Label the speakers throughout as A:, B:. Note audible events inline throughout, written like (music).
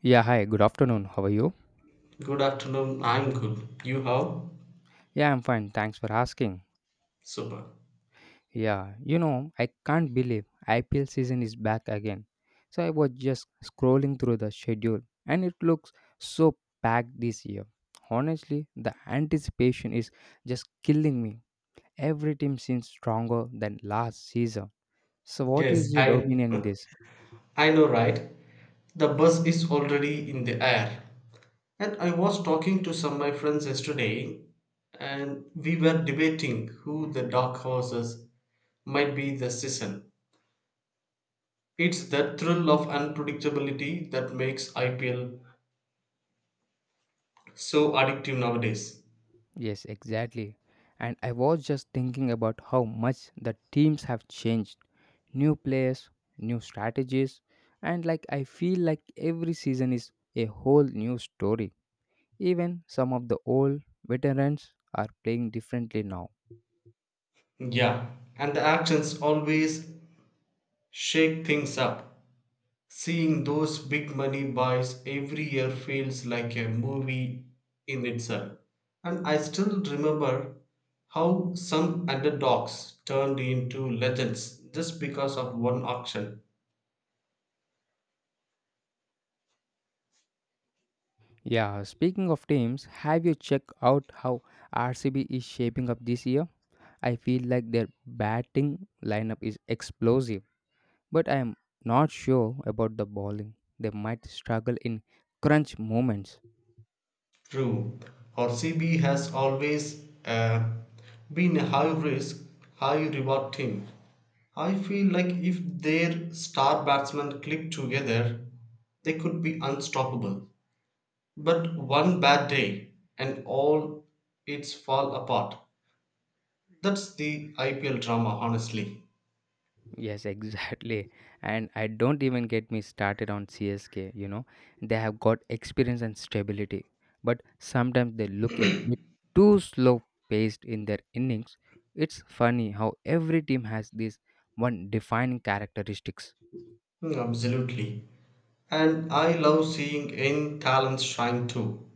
A: Yeah, hi, good afternoon. How are you?
B: Good afternoon. I'm good. You how?
A: Yeah, I'm fine. Thanks for asking.
B: Super.
A: Yeah, you know, I can't believe IPL season is back again. So I was just scrolling through the schedule and it looks so packed this year. Honestly, the anticipation is just killing me. Every team seems stronger than last season. So what
B: Yes,
A: is your
B: I
A: opinion in this?
B: I know right. The bus is already in the air. And I was talking to some of my friends yesterday and we were debating who the dark horses might be this season. It's that thrill of unpredictability that makes IPL so addictive nowadays.
A: Yes, exactly. And I was just thinking about how much the teams have changed. New players, new strategies, and like I feel like every season is a whole new story. Even some of the old veterans are playing differently now.
B: Yeah, and the actions always shake things up. Seeing those big money buys every year feels like a movie in itself. And I still remember how some underdogs turned into legends just because of one auction.
A: Yeah, speaking of teams, have you checked out how RCB is shaping up this year? I feel like their batting lineup is explosive but I am not sure about the bowling. They might struggle in crunch moments.
B: True, RCB has always been a high risk, high reward team. I feel like if their star batsmen click together, they could be unstoppable. But one bad day and all its fall apart. That's the IPL drama, honestly.
A: Yes, (laughs) exactly. And I don't even get me started on CSK, you know. They have got experience and stability, but sometimes they look a bit too slow paced in their innings. It's funny how every team has this one defining characteristics.
B: Mm, absolutely. And I love seeing in talents shine too.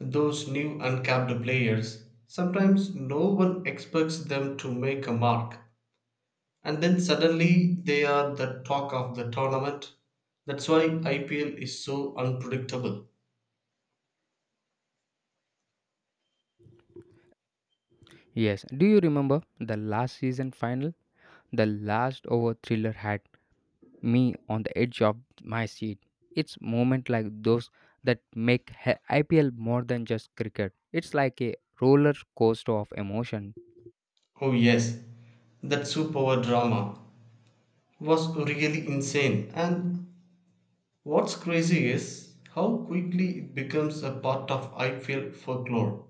B: Those new uncapped players, sometimes no one expects them to make a mark. And then suddenly they are the talk of the tournament. That's why IPL is so unpredictable.
A: Yes, do you remember the last season final? The last over thriller had me on the edge of my seat. It's moments like those that make IPL more than just cricket. It's like a roller coaster of emotion.
B: Oh, yes, that superpower drama was really insane. And what's crazy is how quickly it becomes a part of I IPL folklore.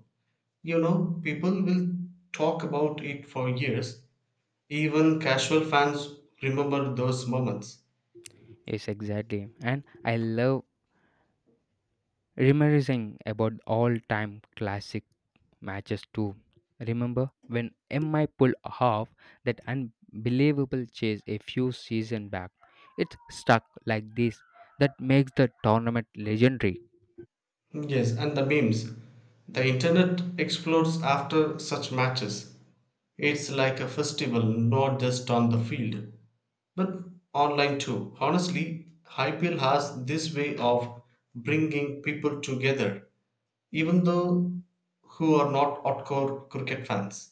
B: You know, people will talk about it for years. Even casual fans remember those moments.
A: Yes, exactly. And I love reminiscing about all-time classic matches too. Remember when MI pulled off that unbelievable chase a few seasons back? It's stuck like this that makes the tournament legendary.
B: Yes, and the memes. The internet explodes after such matches. It's like a festival, not just on the field, but online too. Honestly, IPL has this way of bringing people together even though who are not hardcore cricket fans.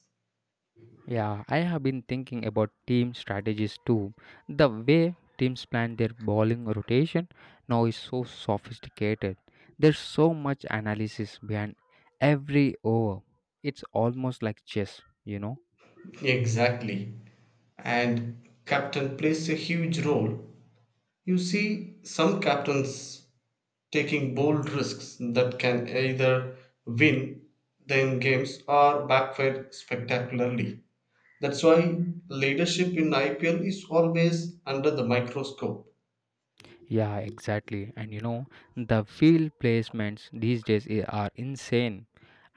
A: Yeah, I have been thinking about team strategies too. The way teams plan their bowling rotation now is so sophisticated. There's so much analysis behind every over. It's almost like chess, you know.
B: Exactly. And captain plays a huge role. You see some captains taking bold risks that can either win them games or backfire spectacularly. That's why leadership in IPL is always under the microscope.
A: Yeah, exactly. And you know, the field placements these days are insane.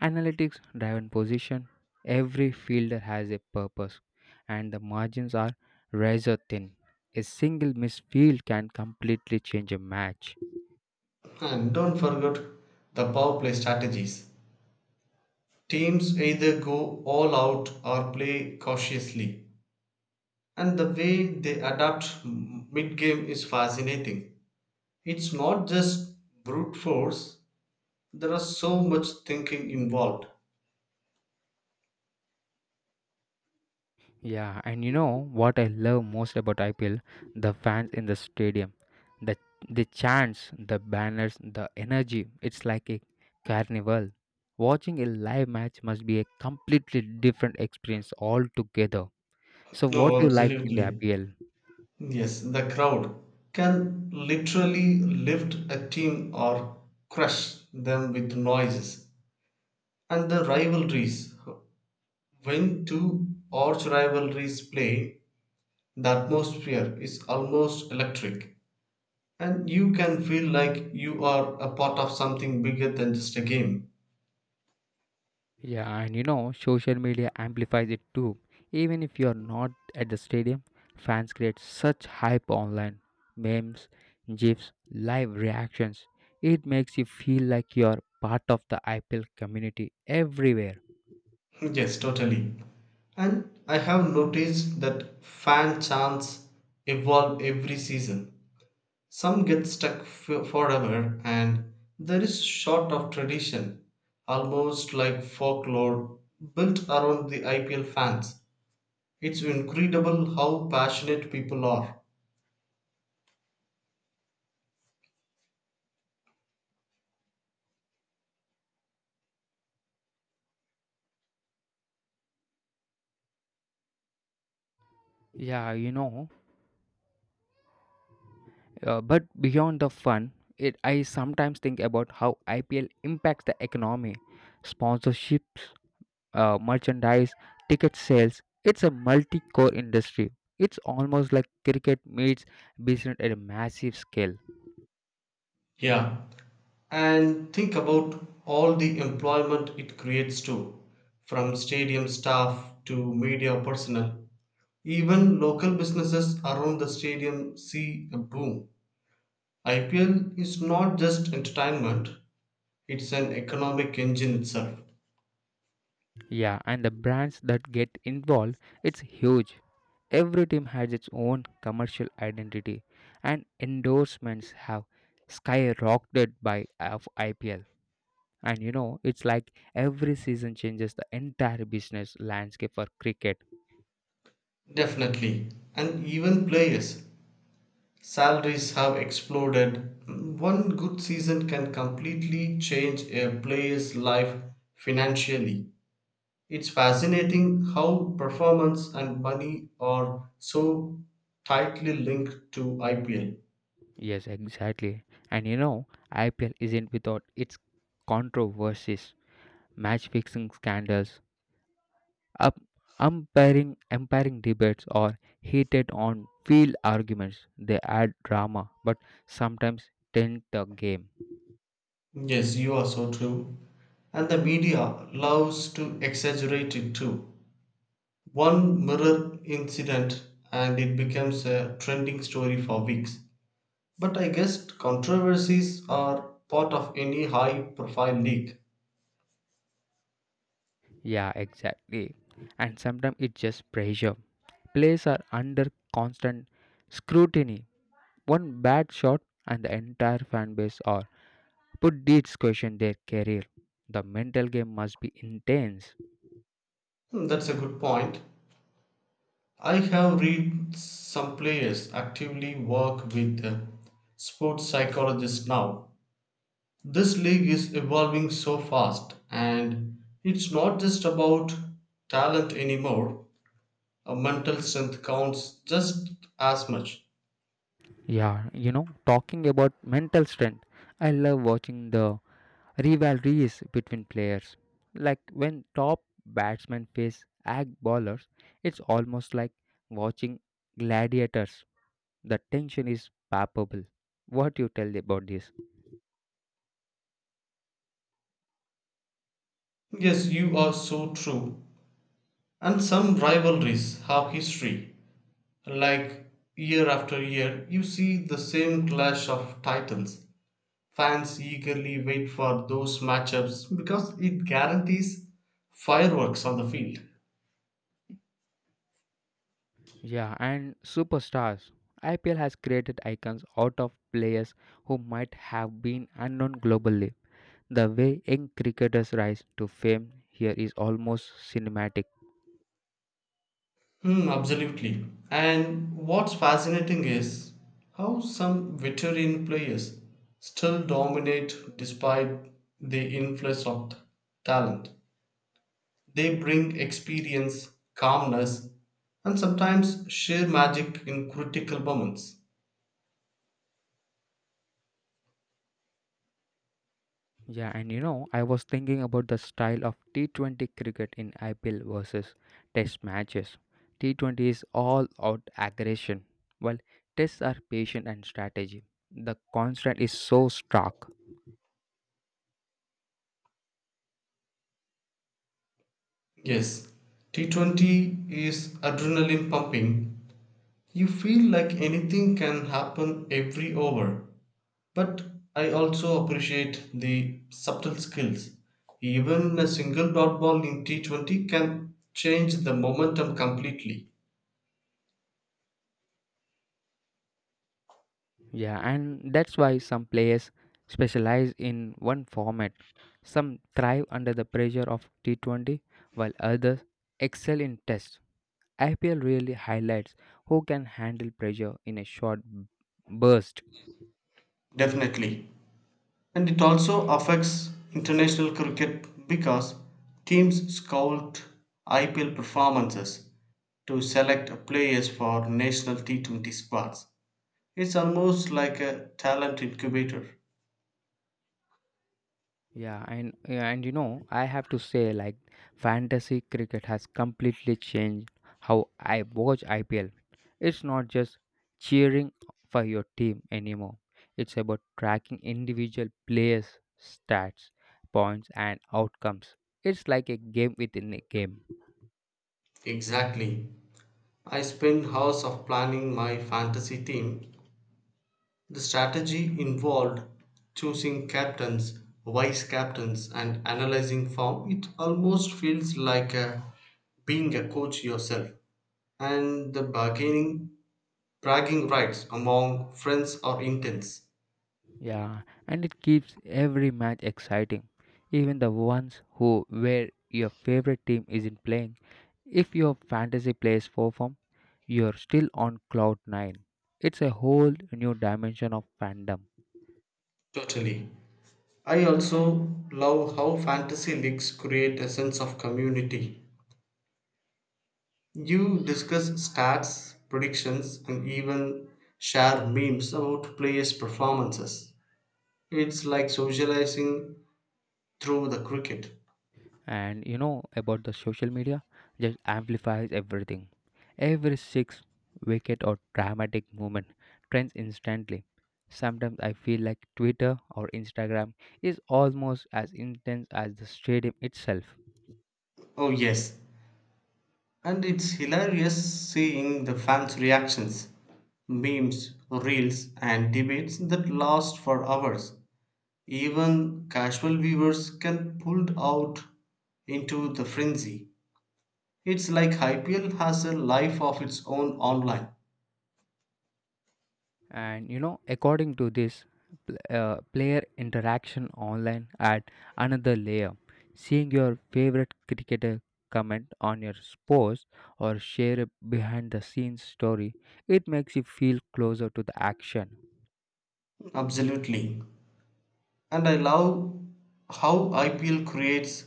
A: Analytics driven position, every fielder has a purpose, and the margins are razor thin. A single missed field can completely change a match.
B: And don't forget the power play strategies. Teams either go all out or play cautiously, and the way they adapt mid game is fascinating. It's not just brute force, there are so much thinking involved.
A: Yeah, and you know what I love most about IPL? The fans in the stadium. The the chants, the banners, the energy. It's like a carnival. Watching a live match must be a completely different experience altogether. So what
B: No,
A: do you like in the
B: absolutely.
A: IPL?
B: Yes, the crowd can literally lift a team or crush them with noises. And the rivalries, when two arch rivalries play, the atmosphere is almost electric. And you can feel like you are a part of something bigger than just a game.
A: Yeah, and you know, social media amplifies it too. Even if you are not at the stadium, fans create such hype online. Memes, GIFs, live reactions. It makes you feel like you're part of the IPL community everywhere.
B: (laughs) Yes, totally. And I have noticed that fan chants evolve every season. Some get forever, and there is sort of tradition, almost like folklore, built around the IPL fans. It's incredible how passionate people are.
A: Yeah, you know, but beyond the fun, it I sometimes think about how IPL impacts the economy. Sponsorships, merchandise, ticket sales. It's a multi core industry. It's almost like cricket meets business at a massive scale.
B: Yeah. And think about all the employment it creates too, from stadium staff to media personnel. Even local businesses around the stadium see a boom. IPL is not just entertainment, it's an economic engine itself.
A: Yeah, and the brands that get involved, it's huge. Every team has its own commercial identity, and endorsements have skyrocketed by of IPL. And you know, it's like every season changes the entire business landscape for cricket.
B: Definitely. And even players. Salaries have exploded. One good season can completely change a player's life financially. It's fascinating how performance and money are so tightly linked to IPL.
A: Yes, exactly. And you know, IPL isn't without its controversies, match fixing scandals, up umpiring debates or heated on field arguments. They add drama but sometimes taint the game.
B: Yes, you are so true. And the media loves to exaggerate it too. One mirror incident and it becomes a trending story for weeks. But I guess controversies are part of any high profile league.
A: Yeah, exactly. And sometimes it's just pressure. Players are under constant scrutiny. One bad shot and the entire fan base or Put these question their career. The mental game must be intense.
B: Hmm, that's a good point. I have read some players actively work with sports psychologists now. This league is evolving so fast, and it's not just about talent anymore. A mental strength counts just as much.
A: Yeah, you know, talking about mental strength, I love watching the rivalries between players. Like when top batsmen face ag bowlers, it's almost like watching gladiators. The tension is palpable. What you tell about this?
B: Yes, you are so true. And some rivalries have history. Like year after year, you see the same clash of titans. Fans eagerly wait for those matchups because it guarantees fireworks on the field.
A: Yeah, and superstars. IPL has created icons out of players who might have been unknown globally. The way young cricketers rise to fame here is almost cinematic.
B: Hmm, absolutely. And what's fascinating is how some veteran players still dominate despite the influx of talent. They bring experience, calmness, and sometimes sheer magic in critical moments.
A: Yeah, and you know, I was thinking about the style of T20 cricket in IPL versus Test matches. T20 is all out aggression, while Tests are patient and strategy. The constant is so stark.
B: Yes, T20 is adrenaline pumping. You feel like anything can happen every over. But I also appreciate the subtle skills. Even a single dot ball in T20 can change the momentum completely.
A: Yeah, and that's why some players specialize in one format. Some thrive under the pressure of T20, while others excel in Tests. IPL really highlights who can handle pressure in a short burst.
B: Definitely. And it also affects international cricket because teams scout IPL performances to select players for national T20 squads. It's almost like a talent incubator.
A: Yeah, and you know, I have to say like fantasy cricket has completely changed how I watch IPL. It's not just cheering for your team anymore. It's about tracking individual players' stats, points and outcomes. It's like a game within a game.
B: Exactly. I spent hours of planning my fantasy team. The strategy involved choosing captains, vice captains, and analyzing form. It almost feels like being a coach yourself. And the bargaining, bragging rights among friends are intense.
A: Yeah, and it keeps every match exciting, even the ones who where your favorite team isn't playing. If your fantasy plays perform, you're still on cloud nine. It's a whole new dimension of fandom.
B: Totally. I also love how fantasy leagues create a sense of community. You discuss stats, predictions, and even share memes about players' performances. It's like socializing through the cricket.
A: And you know about the social media just amplifies everything. Every six wicket or dramatic movement trends instantly. Sometimes I feel like Twitter or Instagram is almost as intense as the stadium itself.
B: Oh, yes. And it's hilarious seeing the fans' reactions, memes, reels, and debates that last for hours. Even casual viewers can pulled out into the frenzy. It's like IPL has a life of its own online.
A: And you know, according to this, player interaction online add another layer. Seeing your favorite cricketer comment on your post or share a behind the scenes story, it makes you feel closer to the action.
B: Absolutely. And I love how IPL creates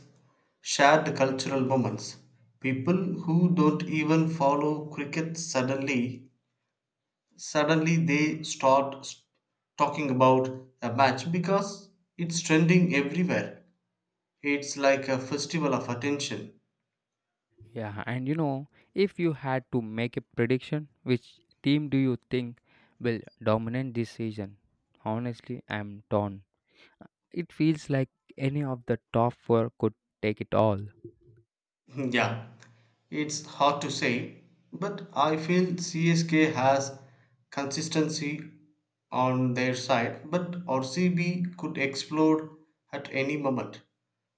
B: shared cultural moments. People who don't even follow cricket suddenly they start talking about a match because it's trending everywhere. It's like a festival of attention.
A: Yeah, and you know, if you had to make a prediction, which team do you think will dominate this season? Honestly, I'm torn. It feels like any of the top four could take it all.
B: (laughs) Yeah, it's hard to say, but I feel CSK has consistency on their side, but RCB could explode at any moment.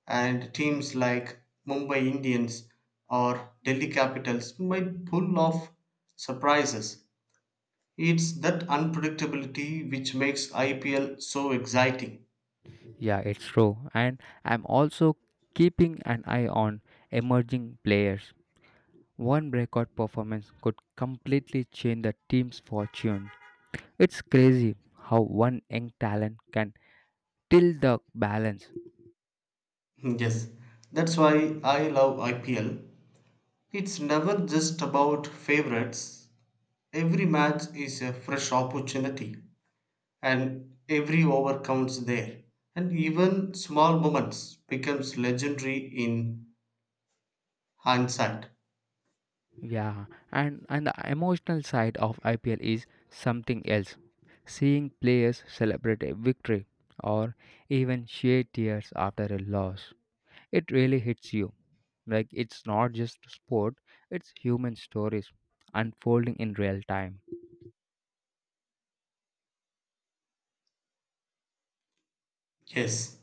B: And teams like Mumbai Indians or Delhi Capitals might pull off surprises. It's that unpredictability which makes IPL so exciting. (laughs)
A: Yeah, it's true. And I'm also keeping an eye on emerging players. One breakout performance could completely change the team's fortune. It's crazy how one young talent can tilt the balance.
B: Yes, that's why I love IPL. It's never just about favorites. Every match is a fresh opportunity, and every over counts there. And even small moments becomes legendary in hindsight.
A: Yeah, and the emotional side of IPL is something else. Seeing players celebrate a victory or even shed tears after a loss, it really hits you. Like it's not just sport, it's human stories unfolding in real time.
B: Yes,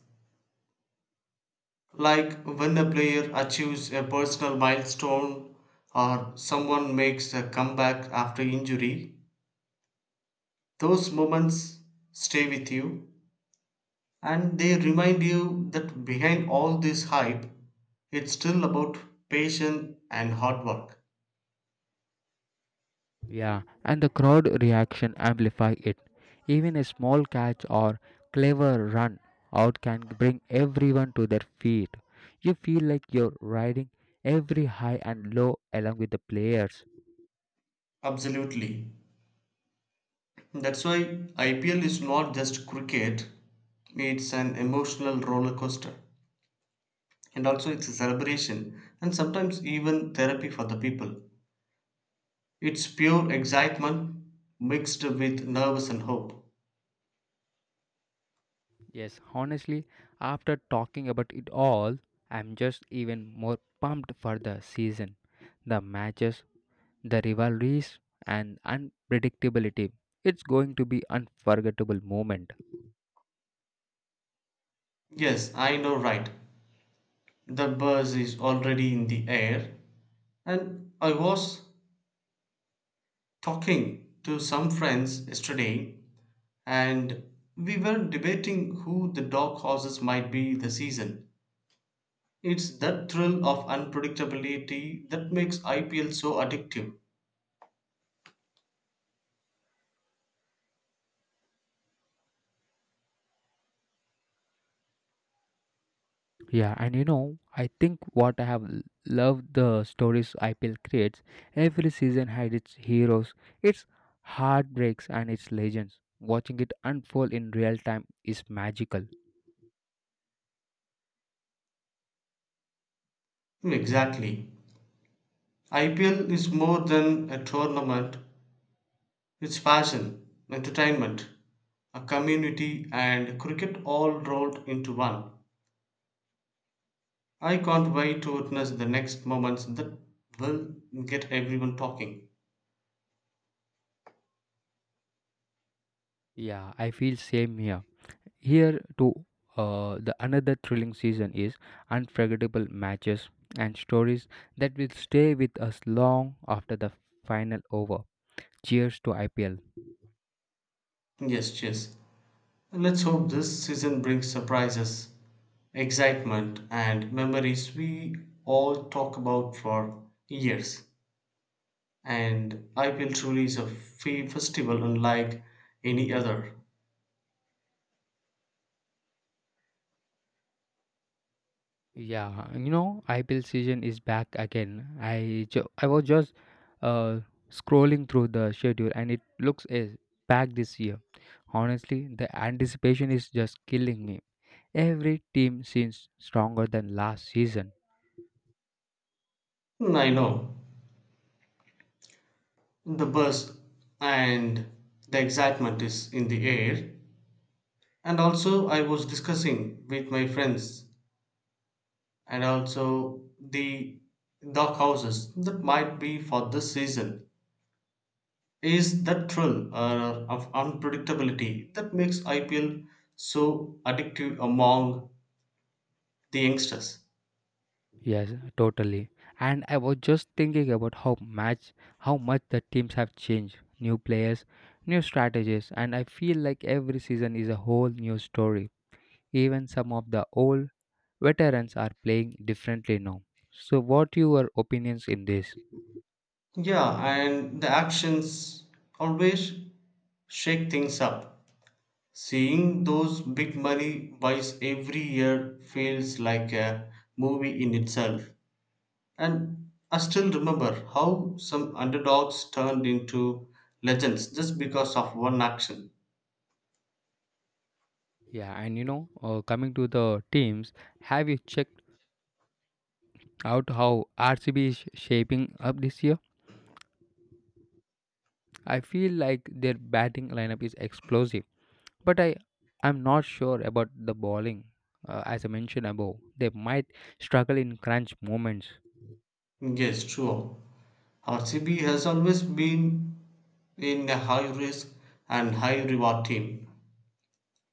B: like when a player achieves a personal milestone or someone makes a comeback after injury, those moments stay with you and they remind you that behind all this hype it's still about patience and hard work.
A: Yeah, and the crowd reaction amplify it. Even a small catch or clever run out can bring everyone to their feet. You feel like you're riding every high and low along with the players.
B: Absolutely. That's why IPL is not just cricket, it's an emotional roller coaster, and also it's a celebration and sometimes even therapy for the people. It's pure excitement mixed with nervous and hope.
A: Yes, honestly, after talking about it all, I'm just even more pumped for the season. The matches, the rivalries and unpredictability. It's going to be unforgettable moment.
B: Yes, I know right. The buzz is already in the air. And I was talking to some friends yesterday and we were debating who the dog horses might be this season. It's that thrill of unpredictability that makes IPL so addictive.
A: Yeah, and you know, I think what I have loved the stories IPL creates. Every season had its heroes, its heartbreaks, and its legends. Watching it unfold in real time is magical.
B: Exactly. IPL is more than a tournament, it's fashion, entertainment, a community, and cricket all rolled into one. I can't wait to witness the next moments that will get everyone talking.
A: Yeah, I feel same here. Here too, the another thrilling season is unforgettable matches and stories that will stay with us long after the final over. Cheers to IPL.
B: Yes, cheers. Let's hope this season brings surprises, excitement, and memories we all talk about for years. And IPL truly is a festival unlike any other.
A: Yeah, you know IPL season is back again. I was just uh, scrolling through the schedule and it looks is packed this year. Honestly, the anticipation is just killing me. Every team seems stronger than last season.
B: Hmm, I know the buzz and the excitement is in the air. And also, I was discussing with my friends, and also the dark houses that might be for this season is that thrill of unpredictability that makes IPL so addictive among the youngsters.
A: Yes, totally. And I was just thinking about how much the teams have changed. New players, new strategies, and I feel like every season is a whole new story. Even some of the old veterans are playing differently now. So what your opinions in this?
B: Yeah, and the actions always shake things up. Seeing those big money buys every year feels like a movie in itself. And I still remember how some underdogs turned into legends just because of one action.
A: Yeah, and you know, coming to the teams, have you checked out how RCB is shaping up this year? I feel like their batting lineup is explosive but I'm not sure about the bowling. As I mentioned above, they might struggle in crunch moments.
B: Yes, true. RCB has always been in a high risk and high reward team.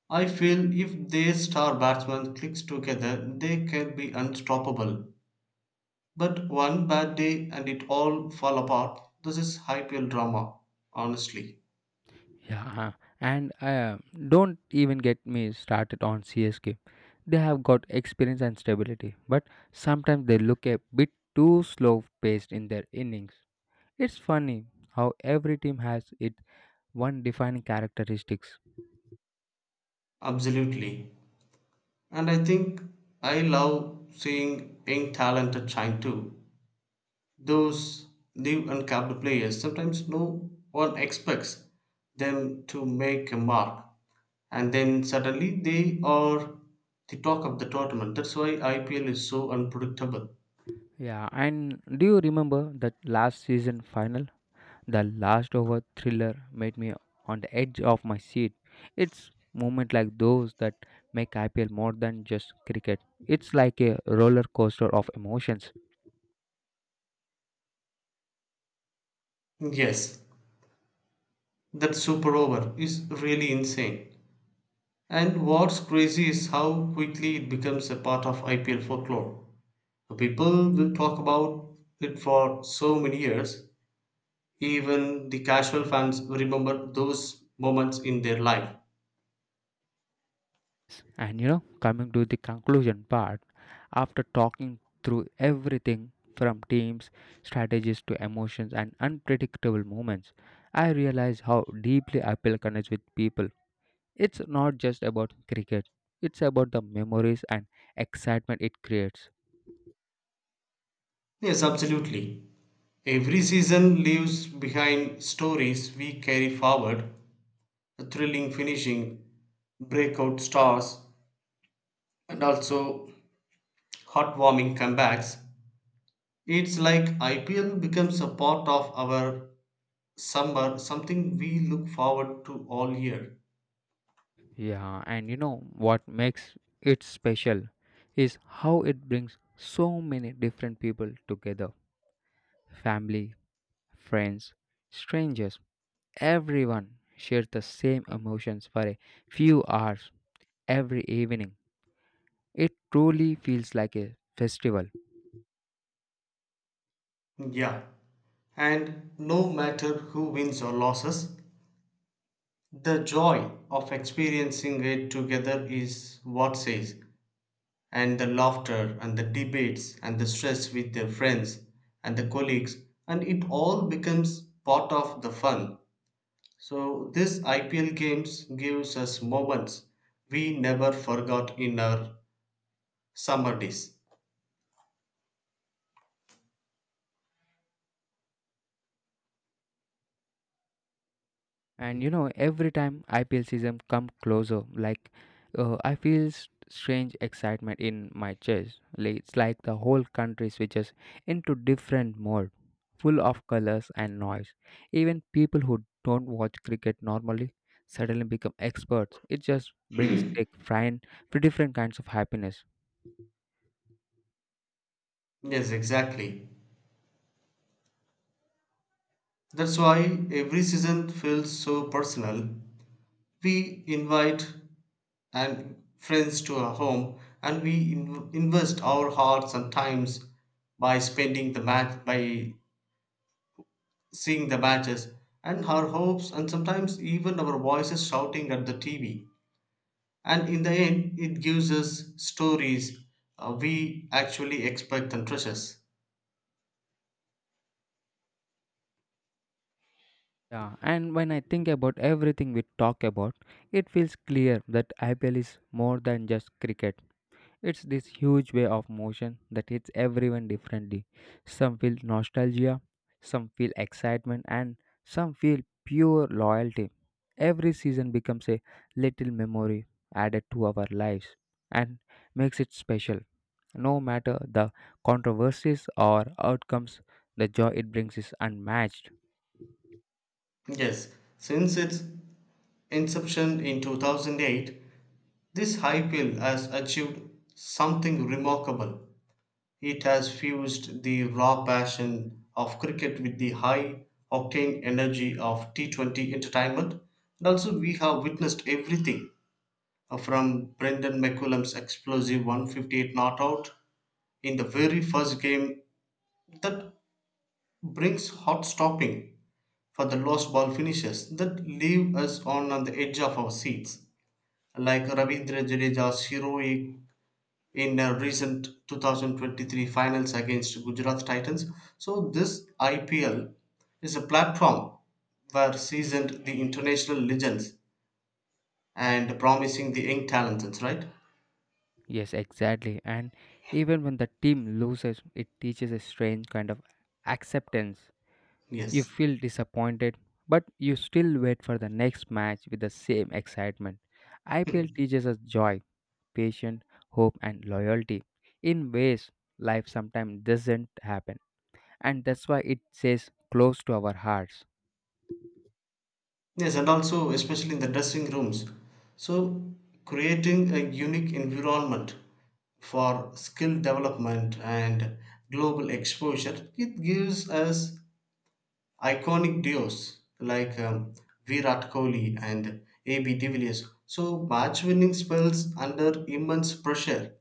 B: I feel if their star batsman clicks together, they can be unstoppable. But one bad day and it all fall apart. This is IPL drama, honestly.
A: Yeah, and don't even get me started on CSK. They have got experience and stability, but sometimes they look a bit too slow paced in their innings. It's funny how every team has its one defining characteristics.
B: Absolutely. And I think I love seeing young talented shine too. Those new uncapped players sometimes no one expects them to make a mark, and then suddenly they are the talk of the tournament. That's why IPL is so unpredictable.
A: Yeah, and do you remember that last season final? The last over thriller made me on the edge of my seat. It's moments like those that make IPL more than just cricket. It's like a roller coaster of emotions.
B: Yes, that super over is really insane. And what's crazy is how quickly it becomes a part of IPL folklore. People will talk about it for so many years, even the casual fans remember those moments in their life.
A: And you know, coming to the conclusion part, after talking through everything from teams, strategies to emotions and unpredictable moments, I realize how deeply IPL connects with people. It's not just about cricket, it's about the memories and excitement it creates.
B: Yes, absolutely. Every season leaves behind stories we carry forward, a thrilling finishing, breakout stars, and also heartwarming comebacks. It's like IPL becomes a part of our summer, something we look forward to all year.
A: Yeah, and you know what makes it special is how it brings so many different people together. Family, friends, strangers, everyone shares the same emotions for a few hours every evening. It truly feels like a festival.
B: Yeah, and no matter who wins or loses, the joy of experiencing it together is what says. And the laughter and the debates and the stress with their friends and the colleagues and it all becomes part of the fun. So this IPL games gives us moments we never forgot in our summer days.
A: And you know, every time IPL season come closer, like I feel strange excitement in my chest, like it's like the whole country switches into different mode, full of colors and noise. Even people who don't watch cricket normally suddenly become experts. It just brings a fine different kinds of happiness.
B: Yes, exactly. That's why every season feels so personal. We invite and friends to our home and we invest our hearts and times by spending the match by seeing the badges and our hopes and sometimes even our voices shouting at the TV. And in the end, it gives us stories we actually expect and treasures.
A: Yeah, and when I think about everything we talk about, it feels clear that IPL is more than just cricket. It's this huge way of motion that hits everyone differently. Some feel nostalgia, some feel excitement, and some feel pure loyalty. Every season becomes a little memory added to our lives and makes it special. No matter the controversies or outcomes, the joy it brings is unmatched.
B: Yes, since its inception in 2008, this high pill has achieved something remarkable. It has fused the raw passion of cricket with the high octane energy of T20 entertainment. And also, we have witnessed everything from Brendan McCullum's explosive 158 not out in the very first game that brings hot stopping for the lost ball finishes that leave us on the edge of our seats. Like Ravindra Jadeja's heroic in a recent 2023 finals against Gujarat Titans. So this IPL is a platform where seasoned the international legends and promising the young talents, right?
A: Yes, exactly. And even when the team loses, it teaches a strange kind of acceptance. You
B: Yes.
A: feel disappointed, but you still wait for the next match with the same excitement. IPL teaches us joy, patience, hope, and loyalty in ways life sometimes doesn't happen. And that's why it stays close to our hearts.
B: Yes, and also especially in the dressing rooms. So, creating a unique environment for skill development and global exposure, it gives us iconic duos like Virat Kohli and AB de Villiers. So, match winning spells under immense pressure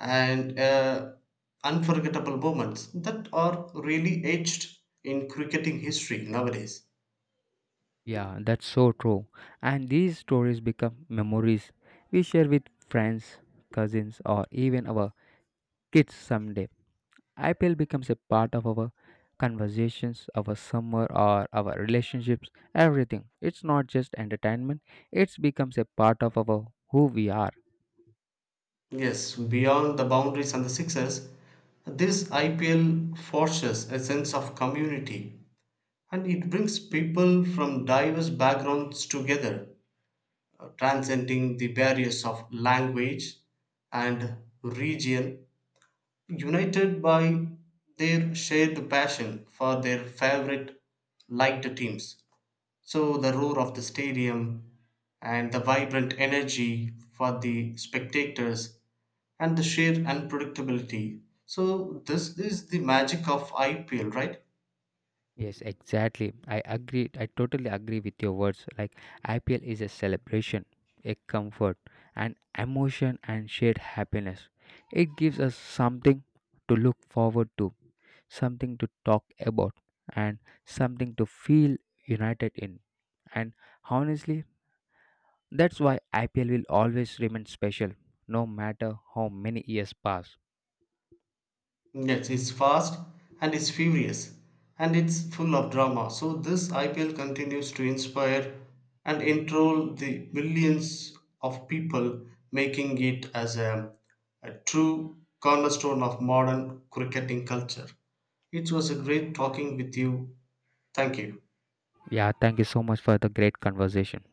B: and unforgettable moments that are really etched in cricketing history nowadays.
A: Yeah, that's so true. And these stories become memories we share with friends, cousins, or even our kids someday. IPL becomes a part of our conversations, our summer, or our relationships, everything. It's not just entertainment, it becomes a part of our who we are.
B: Yes, beyond the boundaries and the sixes, this IPL forges a sense of community and it brings people from diverse backgrounds together, transcending the barriers of language and region, united by their shared passion for their favorite liked teams. So the roar of the stadium and the vibrant energy for the spectators and the sheer unpredictability. So this is the magic of IPL, right?
A: Yes, exactly. I agree. I totally agree with your words. Like IPL is a celebration, a comfort, an emotion, and shared happiness. It gives us something to look forward to, something to talk about, and something to feel united in. And honestly, that's why IPL will always remain special, no matter how many years pass.
B: Yes, it's fast and it's furious and it's full of drama. So this IPL continues to inspire and enroll the millions of people, making it as a true cornerstone of modern cricketing culture. It was a great talking with you. Thank you.
A: Yeah, thank you so much for the great conversation.